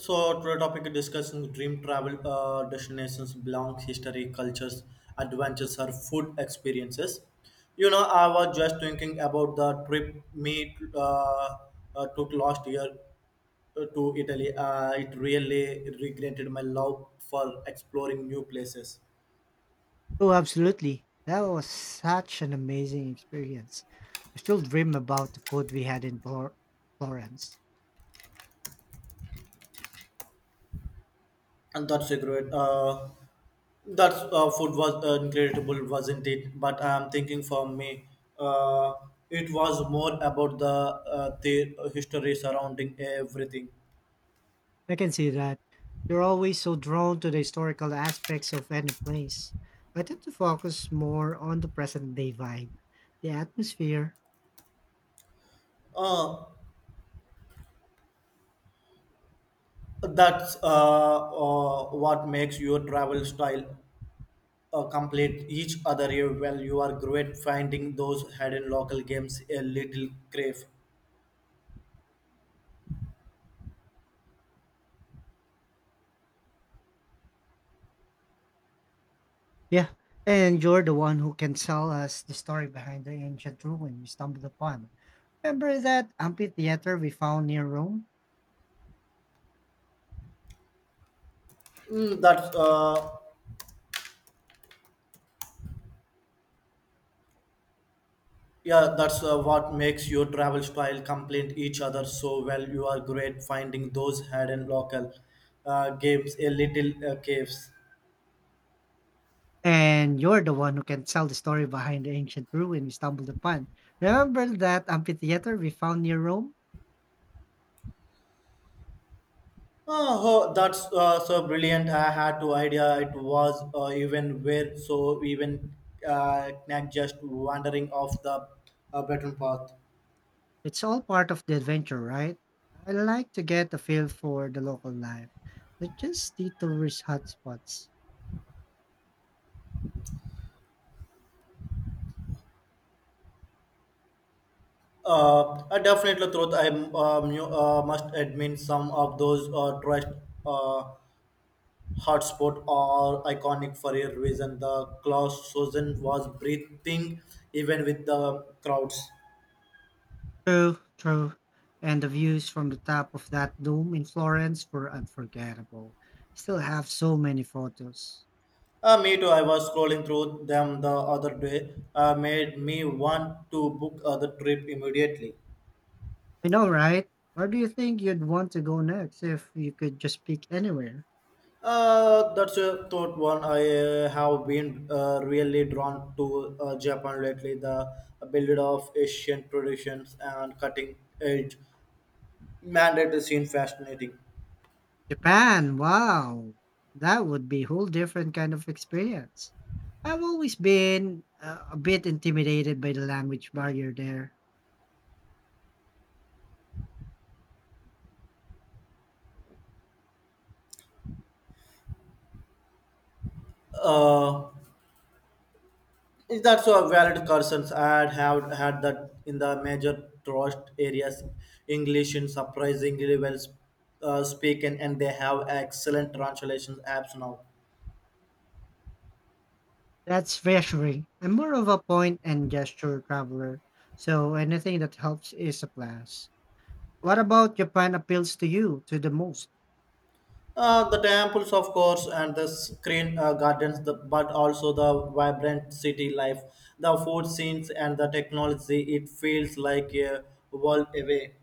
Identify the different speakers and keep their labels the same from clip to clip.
Speaker 1: So, today topic discussing dream travel destinations, belong history, cultures, adventures, or food experiences. You know, I was just thinking about the trip me took last year to Italy. It really regretted my love for exploring new places,
Speaker 2: Oh, absolutely. That was such an amazing experience. I still dream about the food we had in Florence.
Speaker 1: and that's a great. That food was incredible, wasn't it? But I'm thinking for me, uh, it was more about the history surrounding everything.
Speaker 2: I can see that. You're always so drawn to the historical aspects of any place. I tend to focus more on the present day vibe, the atmosphere.
Speaker 1: Uh, that's What makes your travel style complete each other. Well, you are great finding those hidden local games a little crave.
Speaker 2: Yeah, and you're the one who can tell us the story behind the ancient ruin we stumbled upon. Remember that amphitheater we found near Rome?
Speaker 1: Mm, that's yeah, that's what makes your travel style complete each other so well. You are great finding those hidden local games, a little caves.
Speaker 2: And you're the one who can tell the story behind the ancient ruin we stumbled upon. Remember that amphitheater we found near Rome?
Speaker 1: Oh, oh, that's so brilliant! I had no idea it was even where. So even not just wandering off the beaten path.
Speaker 2: It's all part of the adventure, right? I like to get a feel for the local life, not just the tourist hotspots.
Speaker 1: I definitely thought I you, must admit some of those trust. Uh, hotspot or iconic for a reason. The Klausozen was breathing even with the crowds.
Speaker 2: True, true. And the views from the top of that dome in Florence were unforgettable. Still have so many photos.
Speaker 1: Me too. I was scrolling through them the other day. Made me want to book the trip immediately.
Speaker 2: I know, right? Where do you think you'd want to go next if you could just pick anywhere?
Speaker 1: That's a thought one. I have been really drawn to Japan lately. The build of Asian traditions and cutting edge mandate is seen fascinating.
Speaker 2: Japan, wow! That would be whole different kind of experience. I've always been a bit intimidated by the language barrier there.
Speaker 1: Uh, Is that so valid concerns I have had that in the major tourist areas, English in surprisingly well spoken, and they have excellent translation apps now.
Speaker 2: That's reassuring. I'm more of a point and gesture traveler, so anything that helps is a plus. What about Japan appeals to you to the most?
Speaker 1: The temples, of course, and the screen gardens, the, but also the vibrant city life, the food scenes, and the technology. It feels like a world away.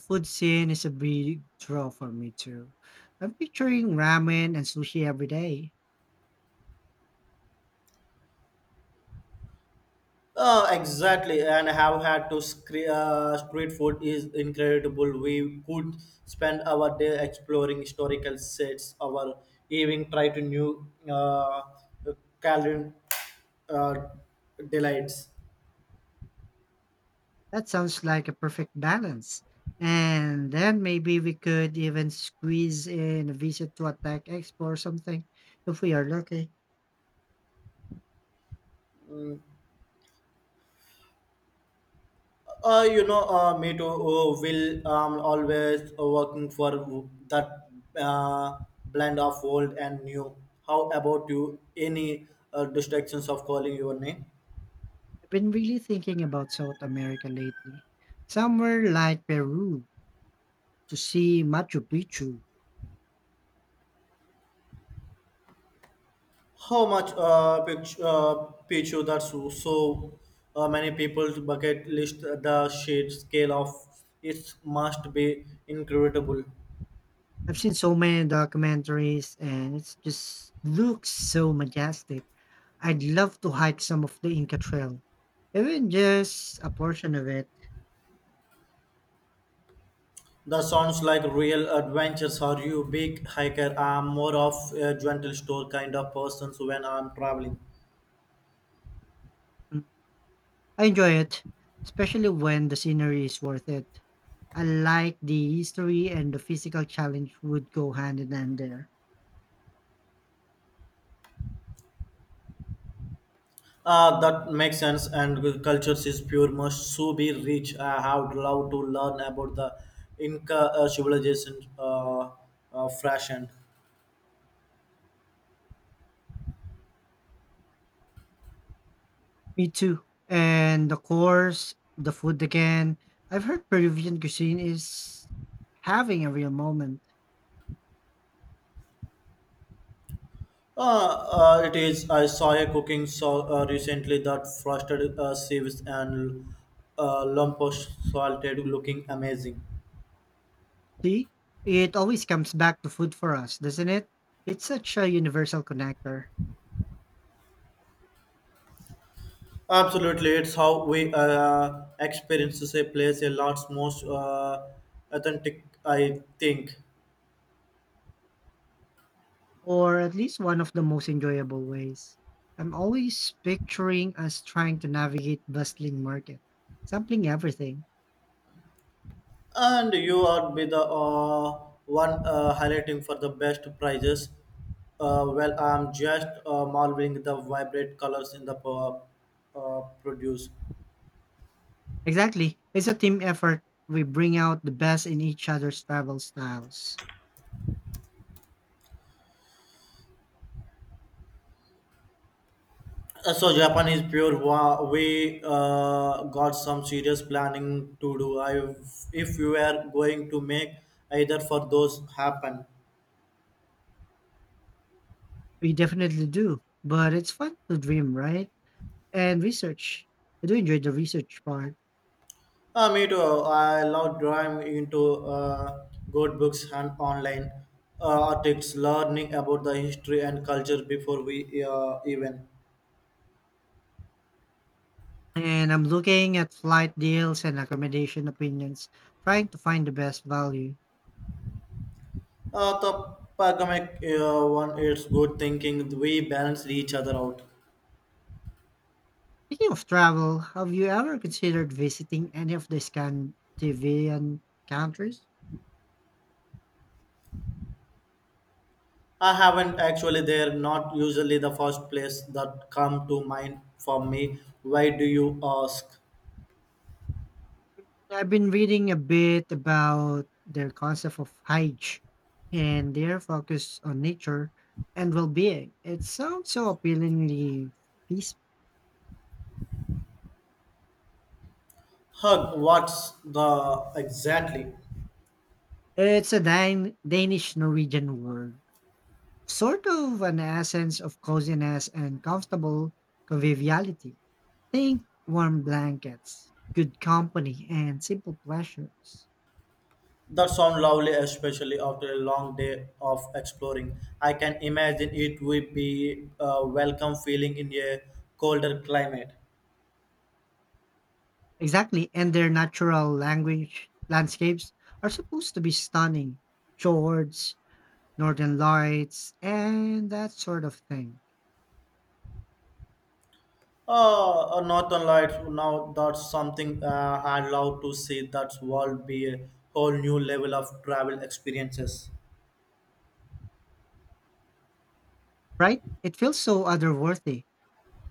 Speaker 2: Food scene is a big draw for me too. I'm picturing ramen and sushi every day.
Speaker 1: Exactly, and have had to street food is incredible. We could spend our day exploring historical sites, our evening try to new culinary uh, delights.
Speaker 2: That sounds like a perfect balance. And then maybe we could even squeeze in a visit to a tech expo or something if we are lucky.
Speaker 1: You know, me too. Will always working for that uh, blend of old and new. How about you? Any distractions of calling your name?
Speaker 2: I've been really thinking about South America lately. Somewhere like Peru to see Machu Picchu.
Speaker 1: How much pitch you that's so so, many people's bucket list the sheer scale of it must be incredible.
Speaker 2: I've seen so many documentaries and it just looks so majestic. I'd love to hike some of the Inca Trail, even just a portion of it.
Speaker 1: That sounds like real adventures. Are you a big hiker? I'm more of a gentle store kind of person so when I'm traveling.
Speaker 2: I enjoy it, especially when the scenery is worth it. I like the history and the physical challenge would go hand in hand there.
Speaker 1: That makes sense and the cultures is pure must so be rich. I have love to learn about the Inca civilization fashion.
Speaker 2: Me too. And the course, the food again. I've heard Peruvian cuisine is having a real moment.
Speaker 1: It is. I saw a cooking show recently that frosted sieves and lump of salted looking amazing.
Speaker 2: See? It always comes back to food for us, doesn't it? It's such a universal connector.
Speaker 1: Absolutely, it's how we experiences a place a lot most authentic, I think.
Speaker 2: Or at least one of the most enjoyable ways. I'm always picturing us trying to navigate bustling market, sampling everything.
Speaker 1: And you are be the one highlighting for the best prizes. Well, I'm just marveling the vibrant colors in the produce.
Speaker 2: Exactly. It's a team effort. We bring out the best in each other's travel styles.
Speaker 1: So Japan is pure. We got some serious planning to do. I, if you are going to make either for those happen.
Speaker 2: We definitely do. But it's fun to dream, right? And research. I do enjoy the research part.
Speaker 1: Me too. I love drawing into good books and online articles, learning about the history and culture before we even.
Speaker 2: And I'm looking at flight deals and accommodation opinions, trying to find the best value.
Speaker 1: The pandemic one, it's good thinking. We balance each other out.
Speaker 2: Speaking of travel, have you ever considered visiting any of the Scandinavian countries?
Speaker 1: I haven't actually. They're not usually the first place that come to mind for me. Why do you ask?
Speaker 2: I've been reading a bit about their concept of Hajj and their focus on nature and well-being. It sounds so appealingly peaceful.
Speaker 1: Hug, what's the exactly?
Speaker 2: It's a Danish Norwegian word, sort of an essence of coziness and comfortable conviviality. Think warm blankets, good company, and simple pleasures.
Speaker 1: That sounds lovely, especially after a long day of exploring. I can imagine it would be a welcome feeling in a colder climate.
Speaker 2: Exactly, and their natural language landscapes are supposed to be stunning. Fjords, northern lights, and that sort of thing.
Speaker 1: Oh, a Northern Lights. Now that's something I'd love to see. That's will be a whole new level of travel experiences.
Speaker 2: Right? It feels so otherworldly.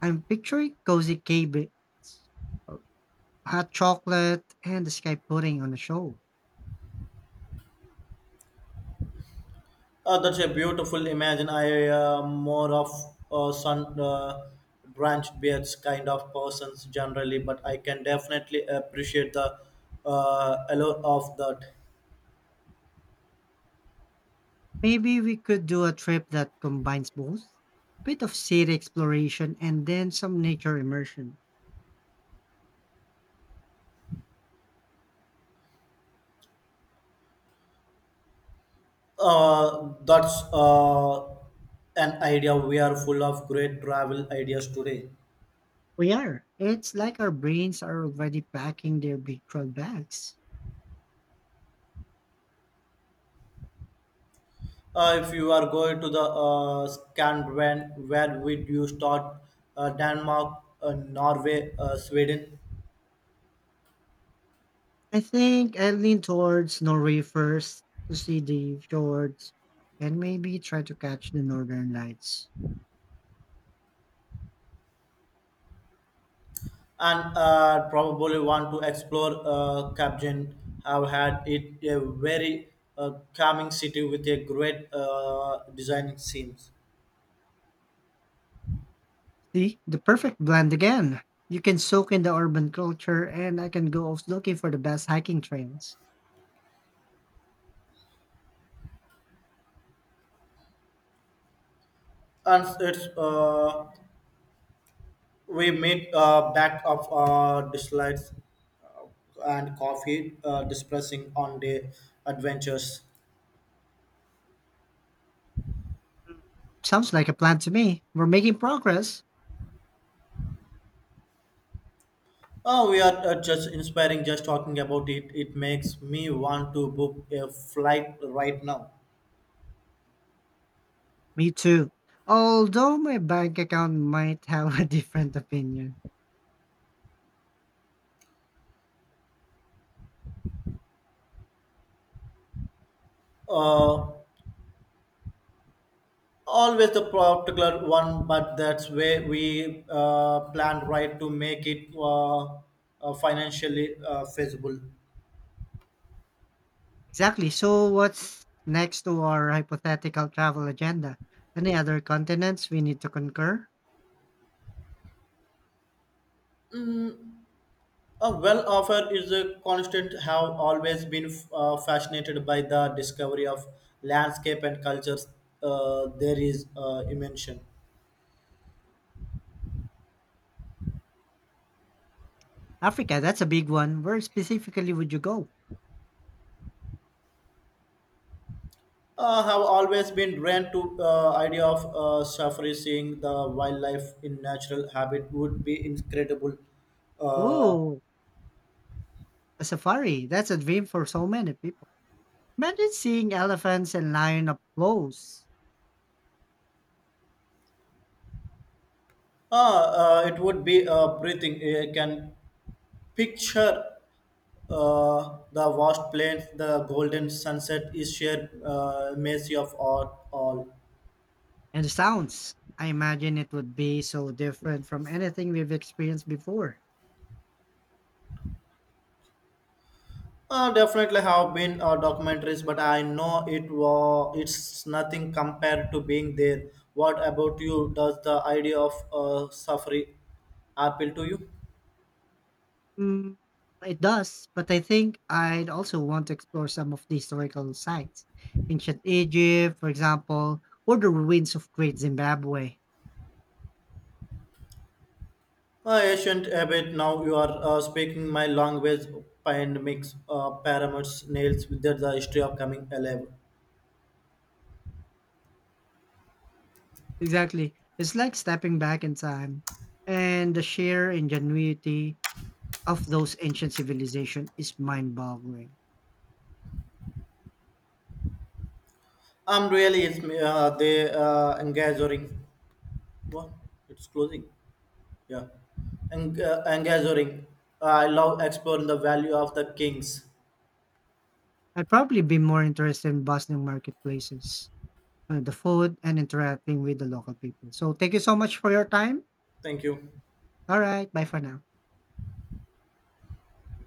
Speaker 2: I'm picturing cozy cabins, uh, hot chocolate, and the sky pudding on the show.
Speaker 1: That's a beautiful image. And I more of sun branch beards kind of persons generally, but I can definitely appreciate the allure of that.
Speaker 2: Maybe we could do a trip that combines both. A bit of city exploration and then some nature immersion.
Speaker 1: That's an idea. We are full of great travel ideas today.
Speaker 2: We are. It's like our brains are already packing their virtual bags.
Speaker 1: If you are going to the Scandinavian, where would you start? Denmark, Norway, Sweden.
Speaker 2: I think I lean towards Norway first to see the fjords and maybe try to catch the northern lights.
Speaker 1: And probably want to explore Kabjan. I've had it a very calming city with a great designing scenes.
Speaker 2: See, the perfect blend again. You can soak in the urban culture and I can go off looking for the best hiking trails.
Speaker 1: And it's we meet back of dislikes and coffee discussing on the adventures.
Speaker 2: Sounds like a plan to me. We're making progress.
Speaker 1: Oh, we are just inspiring just talking about it. It makes me want to book a flight right now.
Speaker 2: Me too. Although my bank account might have a different opinion.
Speaker 1: Uh, always the particular one but that's where we planned right to make it financially feasible.
Speaker 2: Exactly. So what's next to our hypothetical travel agenda? Any other continents we need to conquer?
Speaker 1: A well offer is a constant have always been fascinated by the discovery of landscape and cultures there is invention.
Speaker 2: Africa, that's a big one. Where specifically would you go?
Speaker 1: Have always been drawn to idea of safari seeing the wildlife in natural habit would be incredible. Uh.
Speaker 2: Oh, a safari. That's a dream for so many people. Imagine seeing elephants and lions up close
Speaker 1: It would be breathing. You can picture uh, the vast plains, the golden sunset is sheer mercy of all.
Speaker 2: and the sounds. I imagine it would be so different from anything we've experienced before.
Speaker 1: Definitely have been documentaries, but I know it's nothing compared to being there. What about you? Does the idea of safari appeal to you?
Speaker 2: Mm, it does, but I think I'd also want to explore some of the historical sites. Ancient Egypt, for example, or the ruins of Great Zimbabwe.
Speaker 1: Ancient a bit now you are speaking my language and mix pyramids nails with the history of coming alive.
Speaker 2: Exactly. It's like stepping back in time. And the sheer ingenuity of those ancient civilizations is mind boggling.
Speaker 1: Really, it's me- they engaging. What? It's closing. Yeah, engaging. I love exploring the value of the kings.
Speaker 2: I'd probably be more interested in bustling marketplaces, the food, and interacting with the local people. So thank you so much for your time.
Speaker 1: Thank you.
Speaker 2: All right. Bye for now.